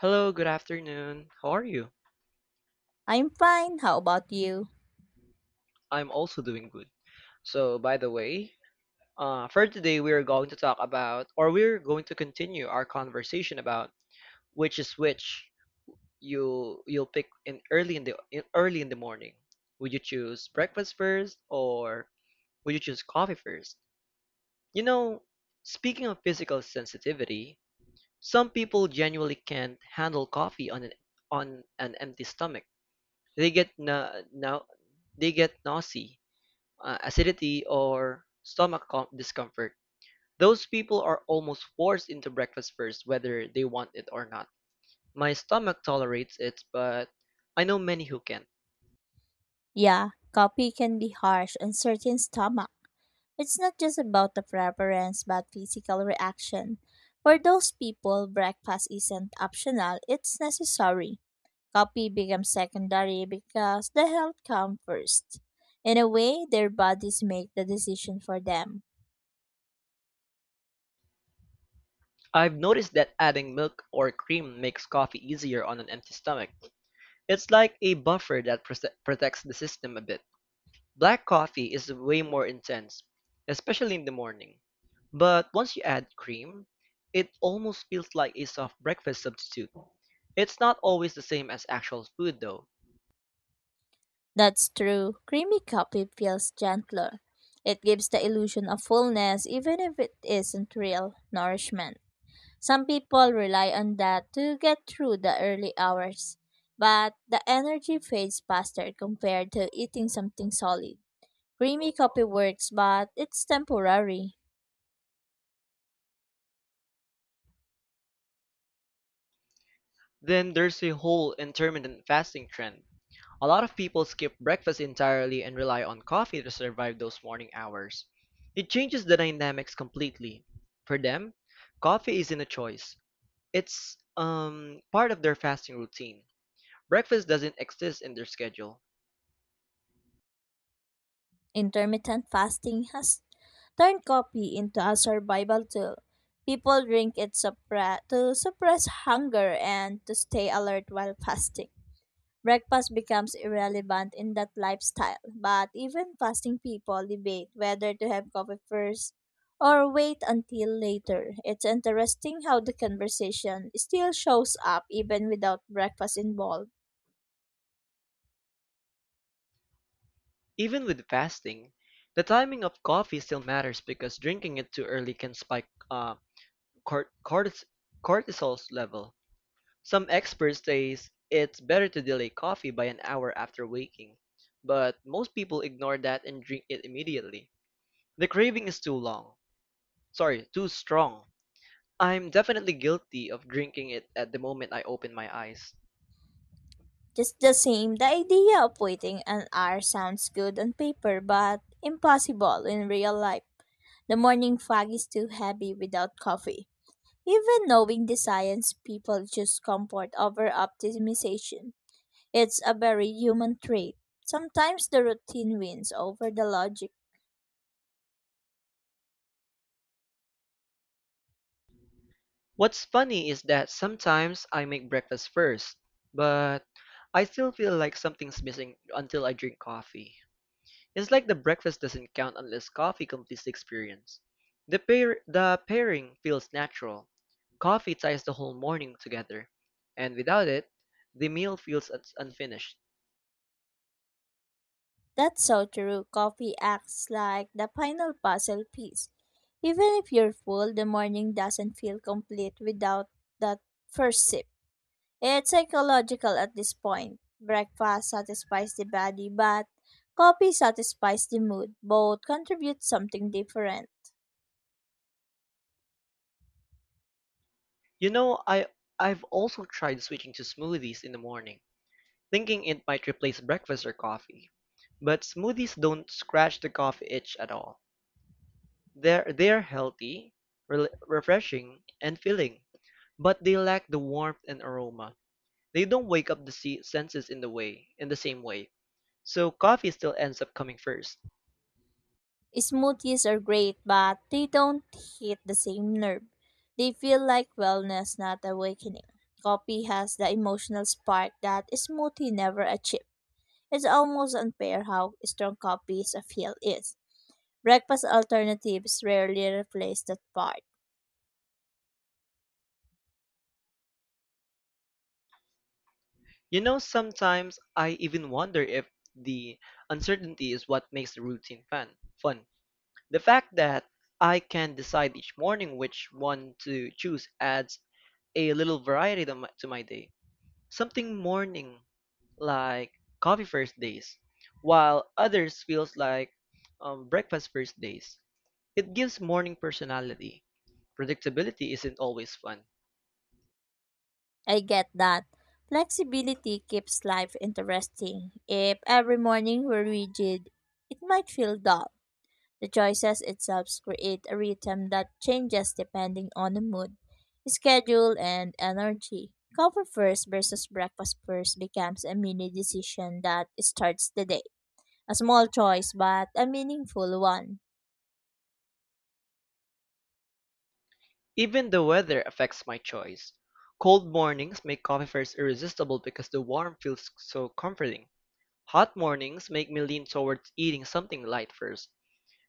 Hello, good afternoon. How are you? I'm fine. How about you? I'm also doing good. So, by the way, for today, we are going to talk about, or we're going to continue our conversation about which is which you'll pick in early in the morning. Would you choose breakfast first, or would you choose coffee first? You know, speaking of physical sensitivity, some people genuinely can't handle coffee on an empty stomach. They get na, na they get nausea, acidity, or stomach discomfort. Those people are almost forced into breakfast first, whether they want it or not. My stomach tolerates it, but I know many who can't. Yeah, coffee can be harsh on certain stomach. It's not just about the preference but physical reaction. For those people, breakfast isn't optional, it's necessary. Coffee becomes secondary because the health comes first. In a way, their bodies make the decision for them. I've noticed that adding milk or cream makes coffee easier on an empty stomach. It's like a buffer that protects the system a bit. Black coffee is way more intense, especially in the morning. But once you add cream, it almost feels like a soft breakfast substitute. It's not always the same as actual food though. That's true. Creamy coffee feels gentler. It gives the illusion of fullness even if it isn't real nourishment. Some people rely on that to get through the early hours, but the energy fades faster compared to eating something solid. Creamy coffee works, but it's temporary. Then there's the whole intermittent fasting trend. A lot of people skip breakfast entirely and rely on coffee to survive those morning hours. It changes the dynamics completely. For them, coffee isn't a choice. It's part of their fasting routine. Breakfast doesn't exist in their schedule. Intermittent fasting has turned coffee into a survival tool. People drink it to suppress hunger and to stay alert while fasting. Breakfast becomes irrelevant in that lifestyle, but even fasting people debate whether to have coffee first or wait until later. It's interesting how the conversation still shows up even without breakfast involved. Even with fasting, the timing of coffee still matters because drinking it too early can spike cort- cortis- cortisol's level. Some experts say it's better to delay coffee by an hour after waking, but most people ignore that and drink it immediately. The craving is too long. Sorry, too strong. I'm definitely guilty of drinking it at the moment I open my eyes. Just the same, the idea of waiting an hour sounds good on paper but impossible in real life. The morning fog is too heavy without coffee. Even knowing the science, people choose comfort over optimization. It's a very human trait. Sometimes the routine wins over the logic. What's funny is that sometimes I make breakfast first, but I still feel like something's missing until I drink coffee. It's like the breakfast doesn't count unless coffee completes the experience. The pairing feels natural. Coffee ties the whole morning together, and without it, the meal feels unfinished. That's so true. Coffee acts like the final puzzle piece. Even if you're full, the morning doesn't feel complete without that first sip. It's psychological at this point. Breakfast satisfies the body, but coffee satisfies the mood. Both contribute something different. You know, I I've also tried switching to smoothies in the morning, thinking it might replace breakfast or coffee. But smoothies don't scratch the coffee itch at all. They're healthy, rel refreshing, and filling, but they lack the warmth and aroma. They don't wake up the senses in the same way. So coffee still ends up coming first. Smoothies are great, but they don't hit the same nerve. They feel like wellness, not awakening. Coffee has the emotional spark that a smoothie never achieved. It's almost unfair how strong coffee's appeal is. Breakfast alternatives rarely replace that part. You know, sometimes I even wonder if the uncertainty is what makes the routine fun. The fact that I can decide each morning which one to choose adds a little variety to to my day. Something morning like coffee first days, while others feels like breakfast first days. It gives morning personality; predictability isn't always fun. I get that. Flexibility keeps life interesting. If every morning were rigid, it might feel dull. The choices itself create a rhythm that changes depending on the mood, schedule, and energy. Coffee first versus breakfast first becomes a mini decision that starts the day. A small choice, but a meaningful one. Even the weather affects my choice. Cold mornings make coffee first irresistible because the warmth feels so comforting. Hot mornings make me lean towards eating something light first.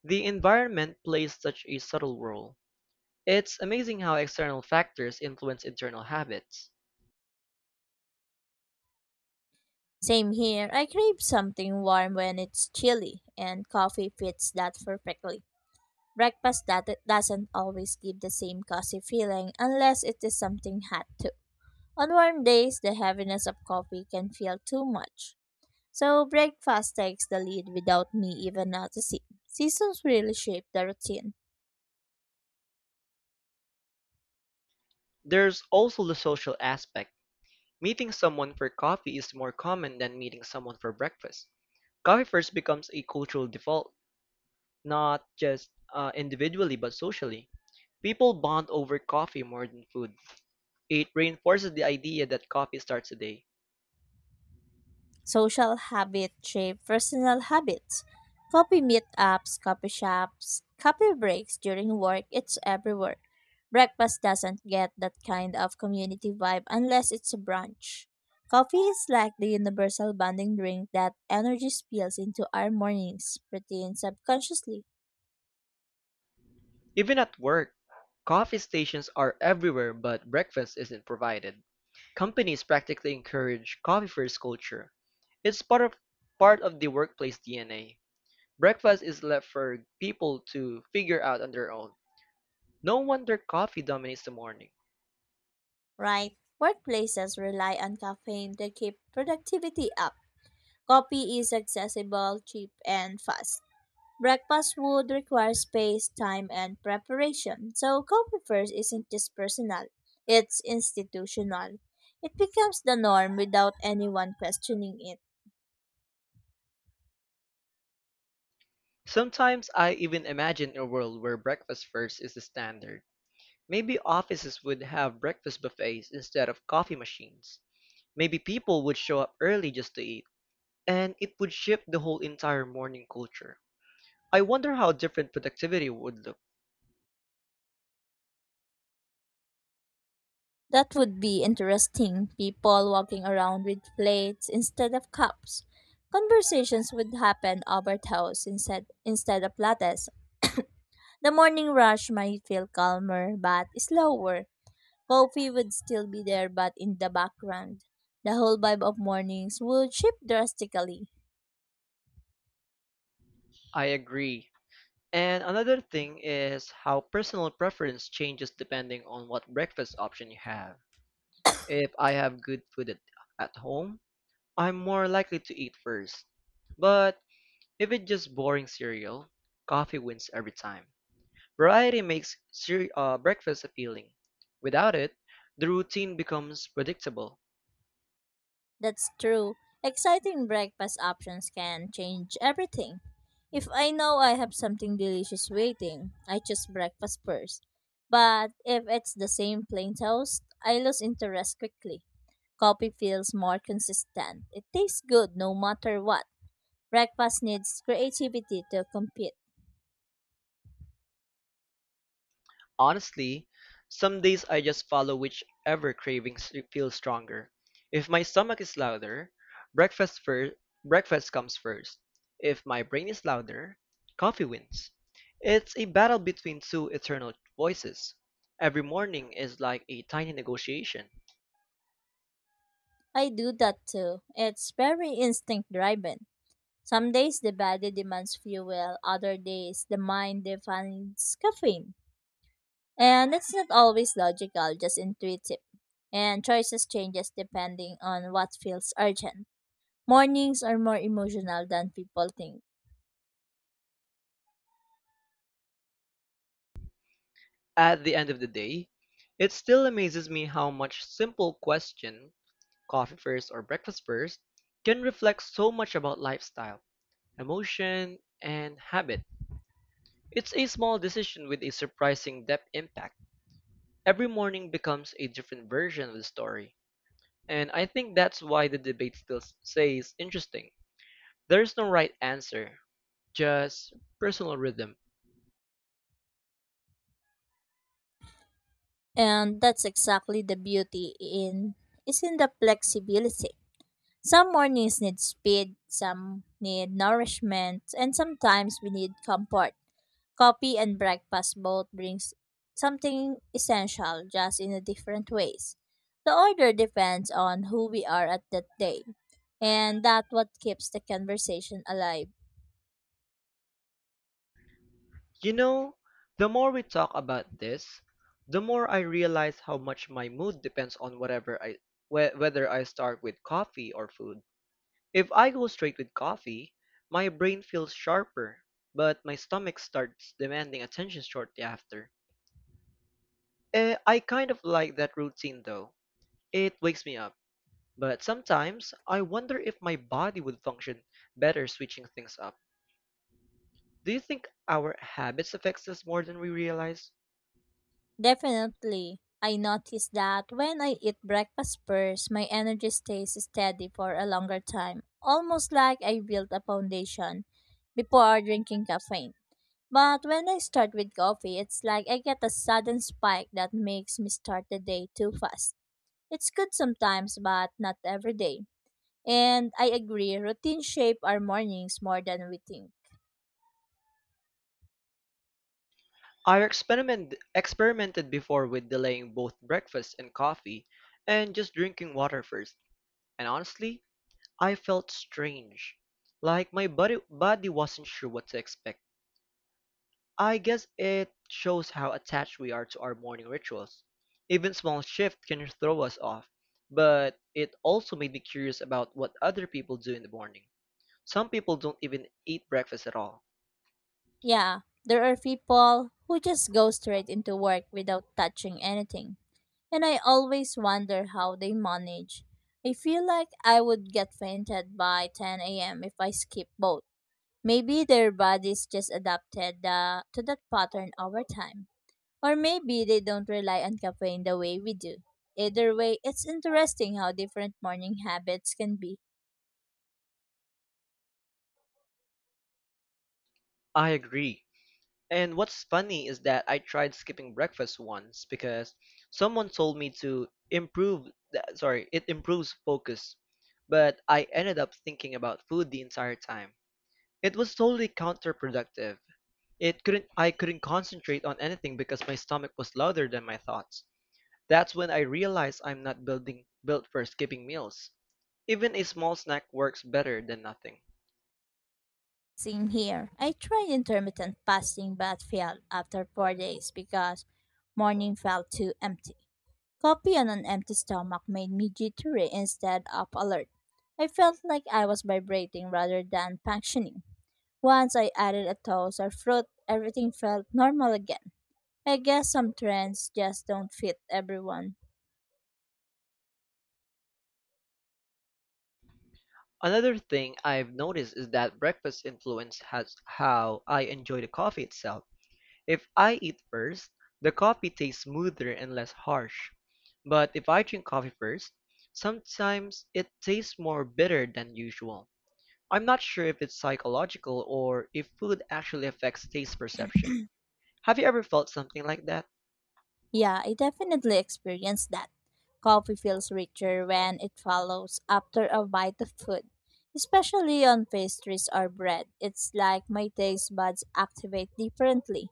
The environment plays such a subtle role. It's amazing how external factors influence internal habits. Same here, I crave something warm when it's chilly, and coffee fits that perfectly. Breakfast that doesn't always give the same cozy feeling unless it is something hot too. On warm days, the heaviness of coffee can feel too much. So breakfast takes the lead without me even noticing. Seasons really shape the routine. There's also the social aspect. Meeting someone for coffee is more common than meeting someone for breakfast. Coffee first becomes a cultural default, not just individually but socially. People bond over coffee more than food. It reinforces the idea that coffee starts the day. Social habits shape personal habits. Coffee meetups, coffee shops, coffee breaks during work, it's everywhere. Breakfast doesn't get that kind of community vibe unless it's a brunch. Coffee is like the universal bonding drink that energy spills into our mornings, routine subconsciously, Even at work, coffee stations are everywhere but breakfast isn't provided. Companies practically encourage coffee-first culture. It's part of the workplace DNA. Breakfast is left for people to figure out on their own. No wonder coffee dominates the morning. right? Workplaces rely on caffeine to keep productivity up. Coffee is accessible, cheap, and fast. Breakfast would require space, time, and preparation. So, coffee first isn't just personal, it's institutional. It becomes the norm without anyone questioning it. Sometimes I even imagine a world where breakfast first is the standard. Maybe offices would have breakfast buffets instead of coffee machines. Maybe people would show up early just to eat. And it would shift the whole entire morning culture. I wonder how different productivity would look. That would be interesting. People walking around with plates instead of cups. Conversations would happen over toast instead of lattes. The morning rush might feel calmer but slower. Coffee would still be there, but in the background. The whole vibe of mornings would shift drastically. I agree. And another thing is how personal preference changes depending on what breakfast option you have. If I have good food at home, I'm more likely to eat first. But if it's just boring cereal, coffee wins every time. Variety makes breakfast appealing. Without it, the routine becomes predictable. That's true. Exciting breakfast options can change everything. If I know I have something delicious waiting, I choose breakfast first. But if it's the same plain toast, I lose interest quickly. Coffee feels more consistent. It tastes good no matter what. Breakfast needs creativity to compete. Honestly, some days I just follow whichever cravings feel stronger. If my stomach is louder, breakfast first, breakfast comes first. If my brain is louder, coffee wins. It's a battle between two eternal voices. Every morning is like a tiny negotiation. I do that too. It's very instinct driven. Some days the body demands fuel, other days the mind defines caffeine. And it's not always logical, just intuitive. And choices changes depending on what feels urgent. Mornings are more emotional than people think. At the end of the day, it still amazes me how much simple question, coffee first or breakfast first, can reflect so much about lifestyle, emotion, and habit. It's a small decision with a surprising depth impact. Every morning becomes a different version of the story. And I think that's why the debate still stays interesting. There's no right answer, just personal rhythm. And that's exactly the beauty in is in the flexibility. Some mornings need speed, some need nourishment, and sometimes we need comfort. Coffee and breakfast both brings something essential, just in a different ways. The order depends on who we are at that day, and that what keeps the conversation alive. You know, the more we talk about this, the more I realize how much my mood depends on whatever whether I start with coffee or food. If I go straight with coffee, my brain feels sharper, but my stomach starts demanding attention shortly after. I kind of like that routine though. It wakes me up. But sometimes I wonder if my body would function better switching things up. Do you think our habits affects us more than we realize? Definitely, I notice that when I eat breakfast first, my energy stays steady for a longer time, almost like I built a foundation before drinking caffeine. But when I start with coffee, it's like I get a sudden spike that makes me start the day too fast. It's good sometimes, but not every day. And I agree, routine shape our mornings more than we think. I experimented before with delaying both breakfast and coffee and just drinking water first. And honestly, I felt strange, like my body wasn't sure what to expect. I guess it shows how attached we are to our morning rituals. Even small shift can throw us off, but it also made me curious about what other people do in the morning. Some people don't even eat breakfast at all. Yeah, there are people who just go straight into work without touching anything. And I always wonder how they manage. I feel like I would get fainted by 10 a.m. if I skip both. Maybe their bodies just adapted to that pattern over time. Or maybe they don't rely on caffeine the way we do. Either way, it's interesting how different morning habits can be. I agree. And what's funny is that I tried skipping breakfast once because someone told me to it improves focus. But I ended up thinking about food the entire time. It was totally counterproductive. It couldn't I couldn't concentrate on anything because my stomach was louder than my thoughts. That's when I realized I'm not building built for skipping meals. Even a small snack works better than nothing. Same here. I tried intermittent fasting but failed after 4 days because morning felt too empty. Coffee on an empty stomach made me jittery instead of alert. I felt like I was vibrating rather than functioning. Once I added a toast or fruit, everything felt normal again. I guess some trends just don't fit everyone. Another thing I've noticed is that breakfast influence has how I enjoy the coffee itself. If I eat first, the coffee tastes smoother and less harsh. But if I drink coffee first, sometimes it tastes more bitter than usual. I'm not sure if it's psychological or if food actually affects taste perception. Have you ever felt something like that? Yeah, I definitely experienced that. Coffee feels richer when it follows after a bite of food, especially on pastries or bread. It's like my taste buds activate differently.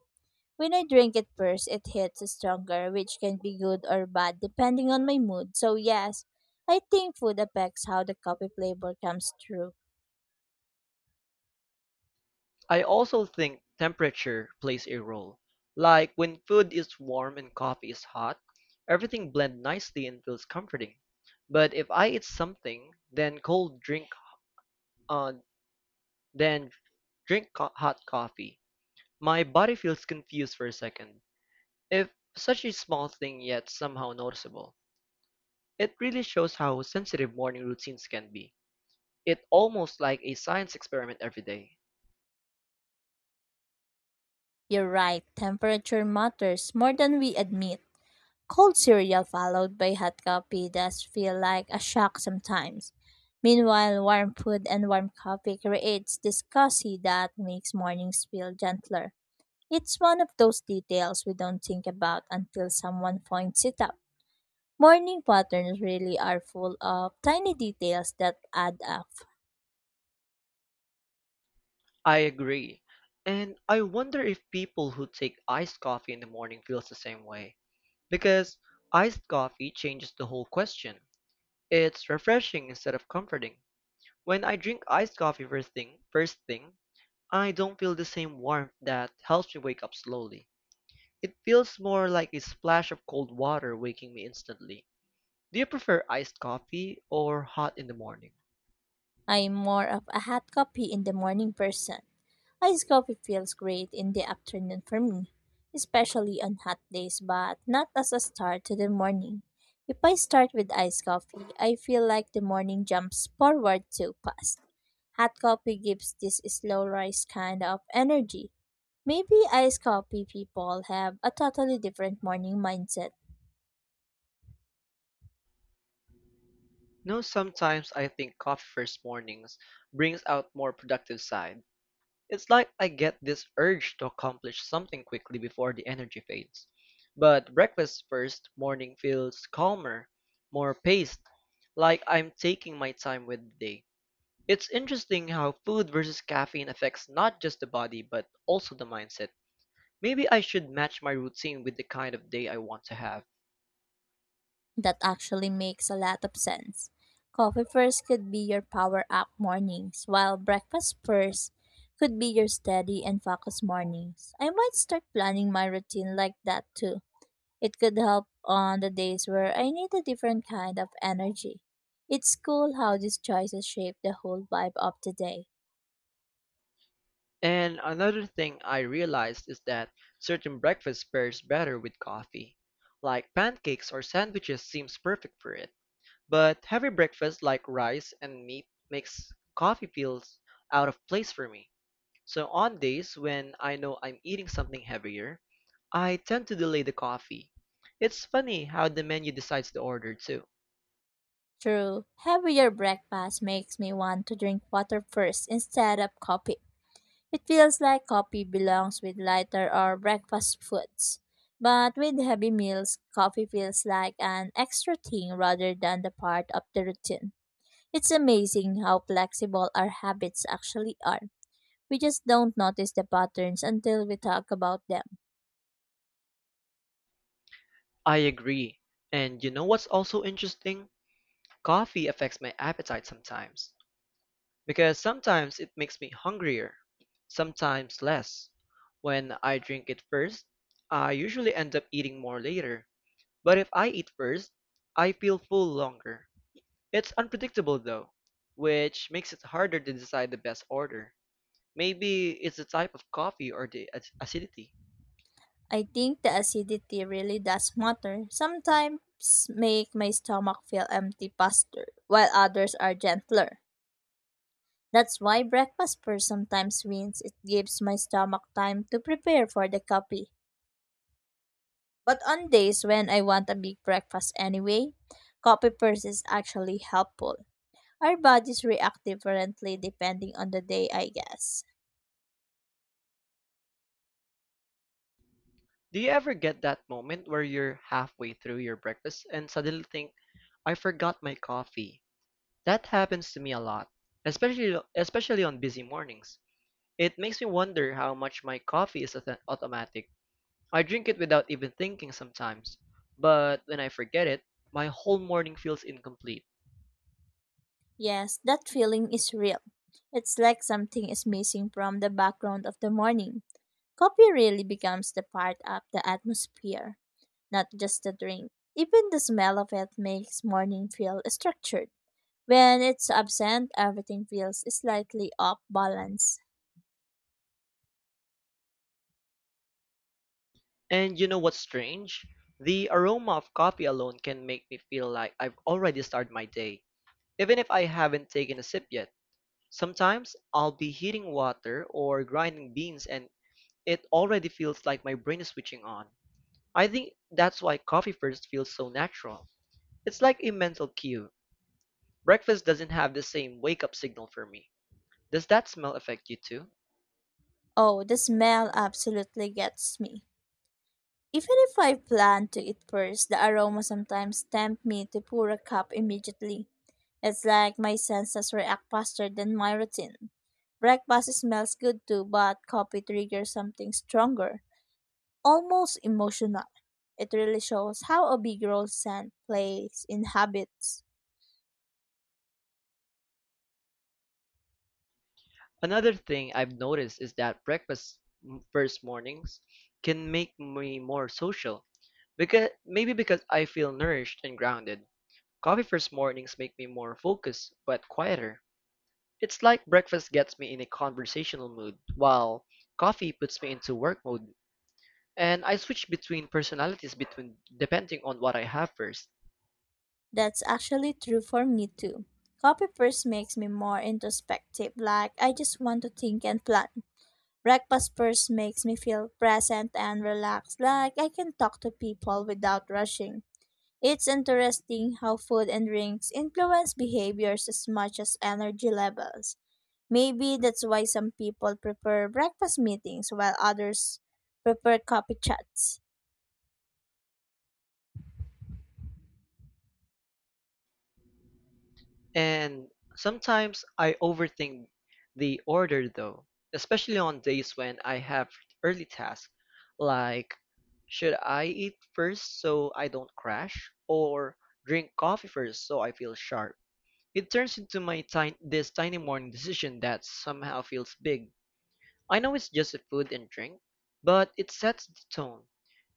When I drink it first, it hits stronger, which can be good or bad depending on my mood. So, yes, I think food affects how the coffee flavor comes through. I also think temperature plays a role. Like when food is warm and coffee is hot, everything blends nicely and feels comforting. But if I eat something, then cold drink, uh, then drink hot coffee, my body feels confused for a second. If such a small thing yet somehow noticeable, it really shows how sensitive morning routines can be. It almost like a science experiment every day. You're right, temperature matters more than we admit. Cold cereal followed by hot coffee does feel like a shock sometimes. Meanwhile, warm food and warm coffee creates this cozy that makes mornings feel gentler. It's one of those details we don't think about until someone points it out. Morning patterns really are full of tiny details that add up. I agree. And I wonder if people who take iced coffee in the morning feels the same way. Because iced coffee changes the whole question. It's refreshing instead of comforting. When I drink iced coffee first thing, I don't feel the same warmth that helps me wake up slowly. It feels more like a splash of cold water waking me instantly. Do you prefer iced coffee or hot in the morning? I'm more of a hot coffee in the morning person. Iced coffee feels great in the afternoon for me, especially on hot days, but not as a start to the morning. If I start with iced coffee, I feel like the morning jumps forward too fast. Hot coffee gives this slow rise kind of energy. Maybe iced coffee people have a totally different morning mindset. No, sometimes I think coffee first mornings brings out more productive side. It's like I get this urge to accomplish something quickly before the energy fades. But breakfast first morning feels calmer, more paced, like I'm taking my time with the day. It's interesting how food versus caffeine affects not just the body but also the mindset. Maybe I should match my routine with the kind of day I want to have. That actually makes a lot of sense. Coffee first could be your power up mornings, while breakfast first could be your steady and focused mornings. I might start planning my routine like that too. It could help on the days where I need a different kind of energy. It's cool how these choices shape the whole vibe of the day. And another thing I realized is that certain breakfast pairs better with coffee. Like pancakes or sandwiches seems perfect for it. But heavy breakfast like rice and meat makes coffee feel out of place for me. So on days when I know I'm eating something heavier, I tend to delay the coffee. It's funny how the menu decides the order too. True, heavier breakfast makes me want to drink water first instead of coffee. It feels like coffee belongs with lighter or breakfast foods. But with heavy meals, coffee feels like an extra thing rather than the part of the routine. It's amazing how flexible our habits actually are. We just don't notice the patterns until we talk about them. I agree. And you know what's also interesting? Coffee affects my appetite sometimes. Because sometimes it makes me hungrier, sometimes less. When I drink it first, I usually end up eating more later. But if I eat first, I feel full longer. It's unpredictable though, which makes it harder to decide the best order. Maybe it's the type of coffee or the acidity. I think the acidity really does matter. Sometimes make my stomach feel empty faster, while others are gentler. That's why breakfast first sometimes wins. It gives my stomach time to prepare for the coffee. But on days when I want a big breakfast anyway, coffee first is actually helpful. Our bodies react differently depending on the day, I guess. Do you ever get that moment where you're halfway through your breakfast and suddenly think, I forgot my coffee? That happens to me a lot, especially on busy mornings. It makes me wonder how much my coffee is automatic. I drink it without even thinking sometimes, but when I forget it, my whole morning feels incomplete. Yes, that feeling is real. It's like something is missing from the background of the morning. Coffee really becomes the part of the atmosphere, not just the drink. Even the smell of it makes morning feel structured. When it's absent, everything feels slightly off balance. And you know what's strange? The aroma of coffee alone can make me feel like I've already started my day, even if I haven't taken a sip yet. Sometimes I'll be heating water or grinding beans, and it already feels like my brain is switching on. I think that's why coffee first feels so natural. It's like a mental cue. Breakfast doesn't have the same wake up signal for me. Does that smell affect you too? Oh, the smell absolutely gets me. Even if I plan to eat first, the aroma sometimes tempt me to pour a cup immediately. It's like my senses react faster than my routine. Breakfast smells good too, but coffee triggers something stronger, almost emotional. It really shows how a big role scent plays in habits. Another thing I've noticed is that first mornings can make me more social because maybe because I feel nourished and grounded. Coffee first mornings make me more focused but quieter. It's like breakfast gets me in a conversational mood while coffee puts me into work mode. And I switch between personalities between depending on what I have first. That's actually true for me too. Coffee first makes me more introspective, like I just want to think and plan. Breakfast first makes me feel present and relaxed, like I can talk to people without rushing. It's interesting how food and drinks influence behaviors as much as energy levels. Maybe that's why some people prefer breakfast meetings while others prefer coffee chats. And sometimes I overthink the order though, especially on days when I have early tasks. Like, should I eat first so I don't crash? Or drink coffee first so I feel sharp? It turns into my tiny this tiny morning decision that somehow feels big. I know it's just a food and drink, but it sets the tone.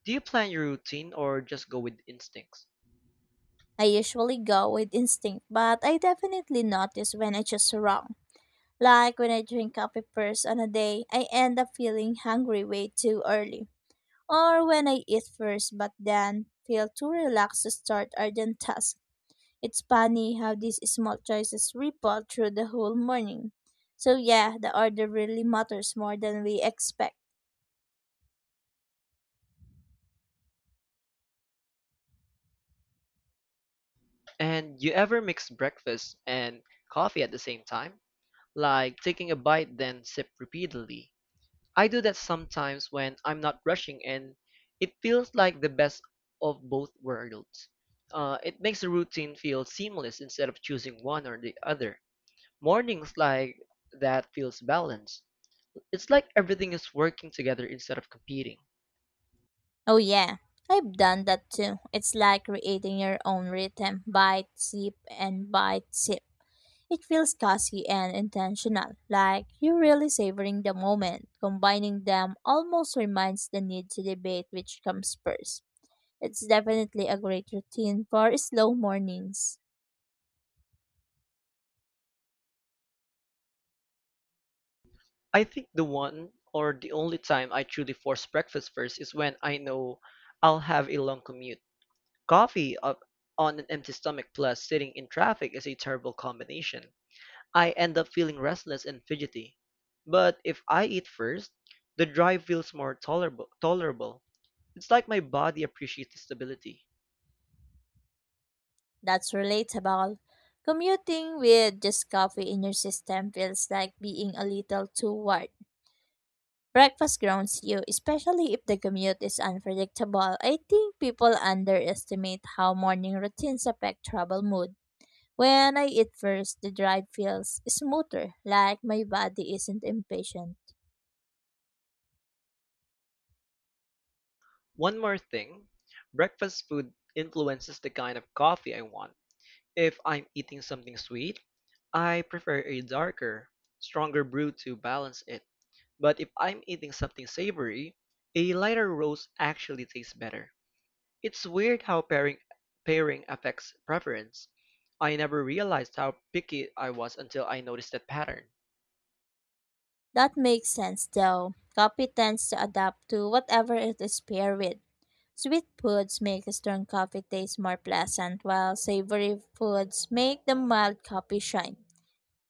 Do you plan your routine or just go with instincts? I usually go with instinct, but I definitely notice when I choose wrong. Like when I drink coffee first on a day, I end up feeling hungry way too early. Or when I eat first but then feel too relaxed to start urgent tasks. It's funny how these small choices ripple through the whole morning. So yeah, the order really matters more than we expect. And you ever mix breakfast and coffee at the same time? Like taking a bite then sip repeatedly. I do that sometimes when I'm not rushing, and it feels like the best of both worlds. It makes the routine feel seamless instead of choosing one or the other. Mornings like that feels balanced. It's like everything is working together instead of competing. Oh yeah, I've done that too. It's like creating your own rhythm, bite, sip, and bite, sip. It feels cozy and intentional, like you're really savoring the moment. Combining them almost reminds the need to debate which comes first. It's definitely a great routine for slow mornings. I think the one or the only time I truly force breakfast first is when I know I'll have a long commute. Coffee up on an empty stomach plus sitting in traffic is a terrible combination. I end up feeling restless and fidgety. But if I eat first, the drive feels more tolerable. It's like my body appreciates stability. That's relatable. Commuting with just coffee in your system feels like being a little too wired. Breakfast grounds you, especially if the commute is unpredictable. I think people underestimate how morning routines affect travel mood. When I eat first, the drive feels smoother, like my body isn't impatient. One more thing, breakfast food influences the kind of coffee I want. If I'm eating something sweet, I prefer a darker, stronger brew to balance it. But if I'm eating something savory, a lighter roast actually tastes better. It's weird how pairing affects preference. I never realized how picky I was until I noticed that pattern. That makes sense though. Coffee tends to adapt to whatever it is paired with. Sweet foods make strong coffee taste more pleasant, while savory foods make the mild coffee shine.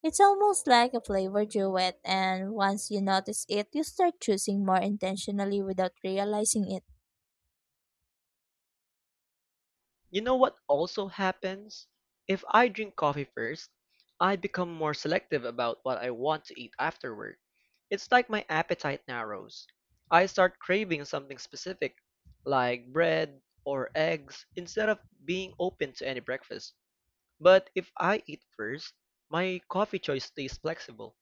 It's almost like a flavor duet, and once you notice it, you start choosing more intentionally without realizing it. You know what also happens? If I drink coffee first, I become more selective about what I want to eat afterward. It's like my appetite narrows. I start craving something specific, like bread or eggs, instead of being open to any breakfast. But if I eat first, my coffee choice stays flexible.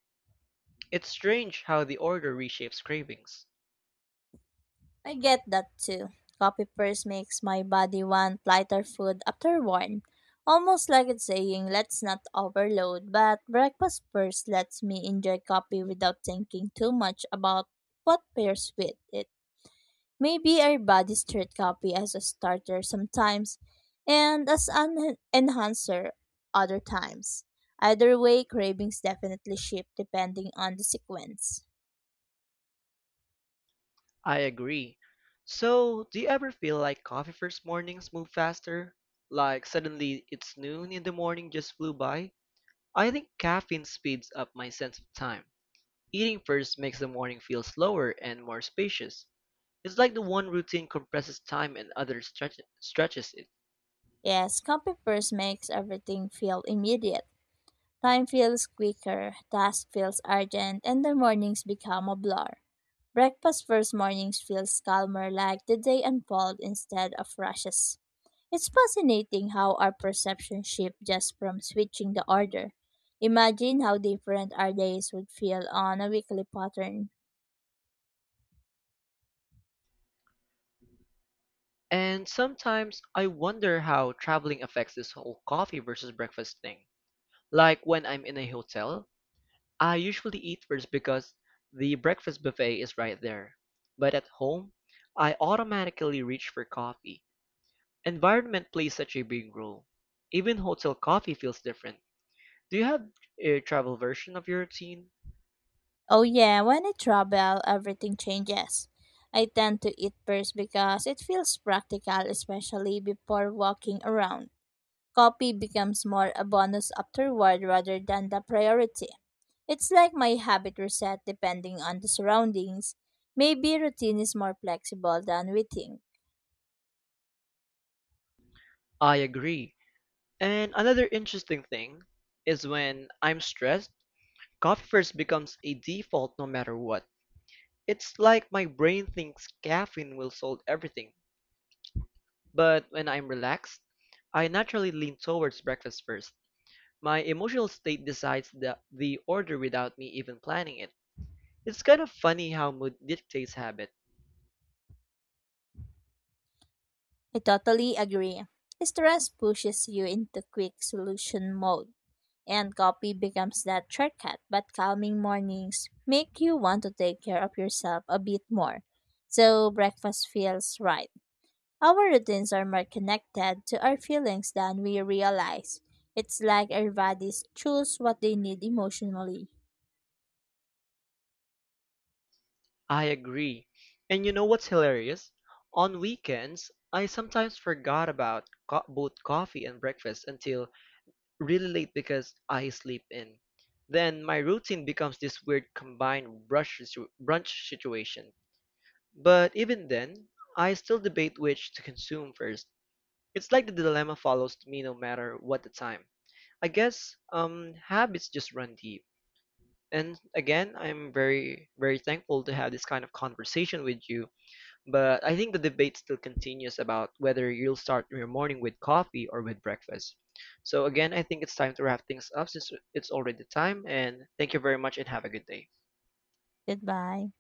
It's strange how the order reshapes cravings. I get that too. Coffee first makes my body want lighter food after one. Almost like it's saying, let's not overload, but breakfast first lets me enjoy coffee without thinking too much about what pairs with it. Maybe our bodies treat coffee as a starter sometimes and as an enhancer other times. Either way, cravings definitely shift depending on the sequence. I agree. So, do you ever feel like coffee first mornings move faster? Like suddenly it's noon and the morning just flew by? I think caffeine speeds up my sense of time. Eating first makes the morning feel slower and more spacious. It's like the one routine compresses time and other stretches it. Yes, coffee first makes everything feel immediate. Time feels quicker, task feels urgent, and the mornings become a blur. Breakfast first mornings feels calmer, like the day unfold instead of rushes. It's fascinating how our perception shifts just from switching the order. Imagine how different our days would feel on a weekly pattern. And sometimes I wonder how traveling affects this whole coffee versus breakfast thing. Like when I'm in a hotel, I usually eat first because the breakfast buffet is right there. But at home, I automatically reach for coffee. Environment plays such a big role. Even hotel coffee feels different. Do you have a travel version of your routine? Oh yeah, when I travel, everything changes. I tend to eat first because it feels practical, especially before walking around. Copy becomes more a bonus afterward rather than the priority. It's like my habit reset depending on the surroundings. Maybe routine is more flexible than we think. I agree. And another interesting thing is when I'm stressed, coffee first becomes a default no matter what. It's like my brain thinks caffeine will solve everything. But when I'm relaxed, I naturally lean towards breakfast first. My emotional state decides the order without me even planning it. It's kind of funny how mood dictates habit. I totally agree. Stress pushes you into quick solution mode, and copy becomes that shortcut. But calming mornings make you want to take care of yourself a bit more. So breakfast feels right. Our routines are more connected to our feelings than we realize. It's like our bodies choose what they need emotionally. I agree. And you know what's hilarious? On weekends, I sometimes forgot about both coffee and breakfast until really late because I sleep in. Then my routine becomes this weird combined brunch situation. But even then, I still debate which to consume first. It's like the dilemma follows me no matter what the time. I guess habits just run deep. And again, I'm very, very thankful to have this kind of conversation with you. But I think the debate still continues about whether you'll start your morning with coffee or with breakfast. So again, I think it's time to wrap things up since it's already time. And thank you very much and have a good day. Goodbye.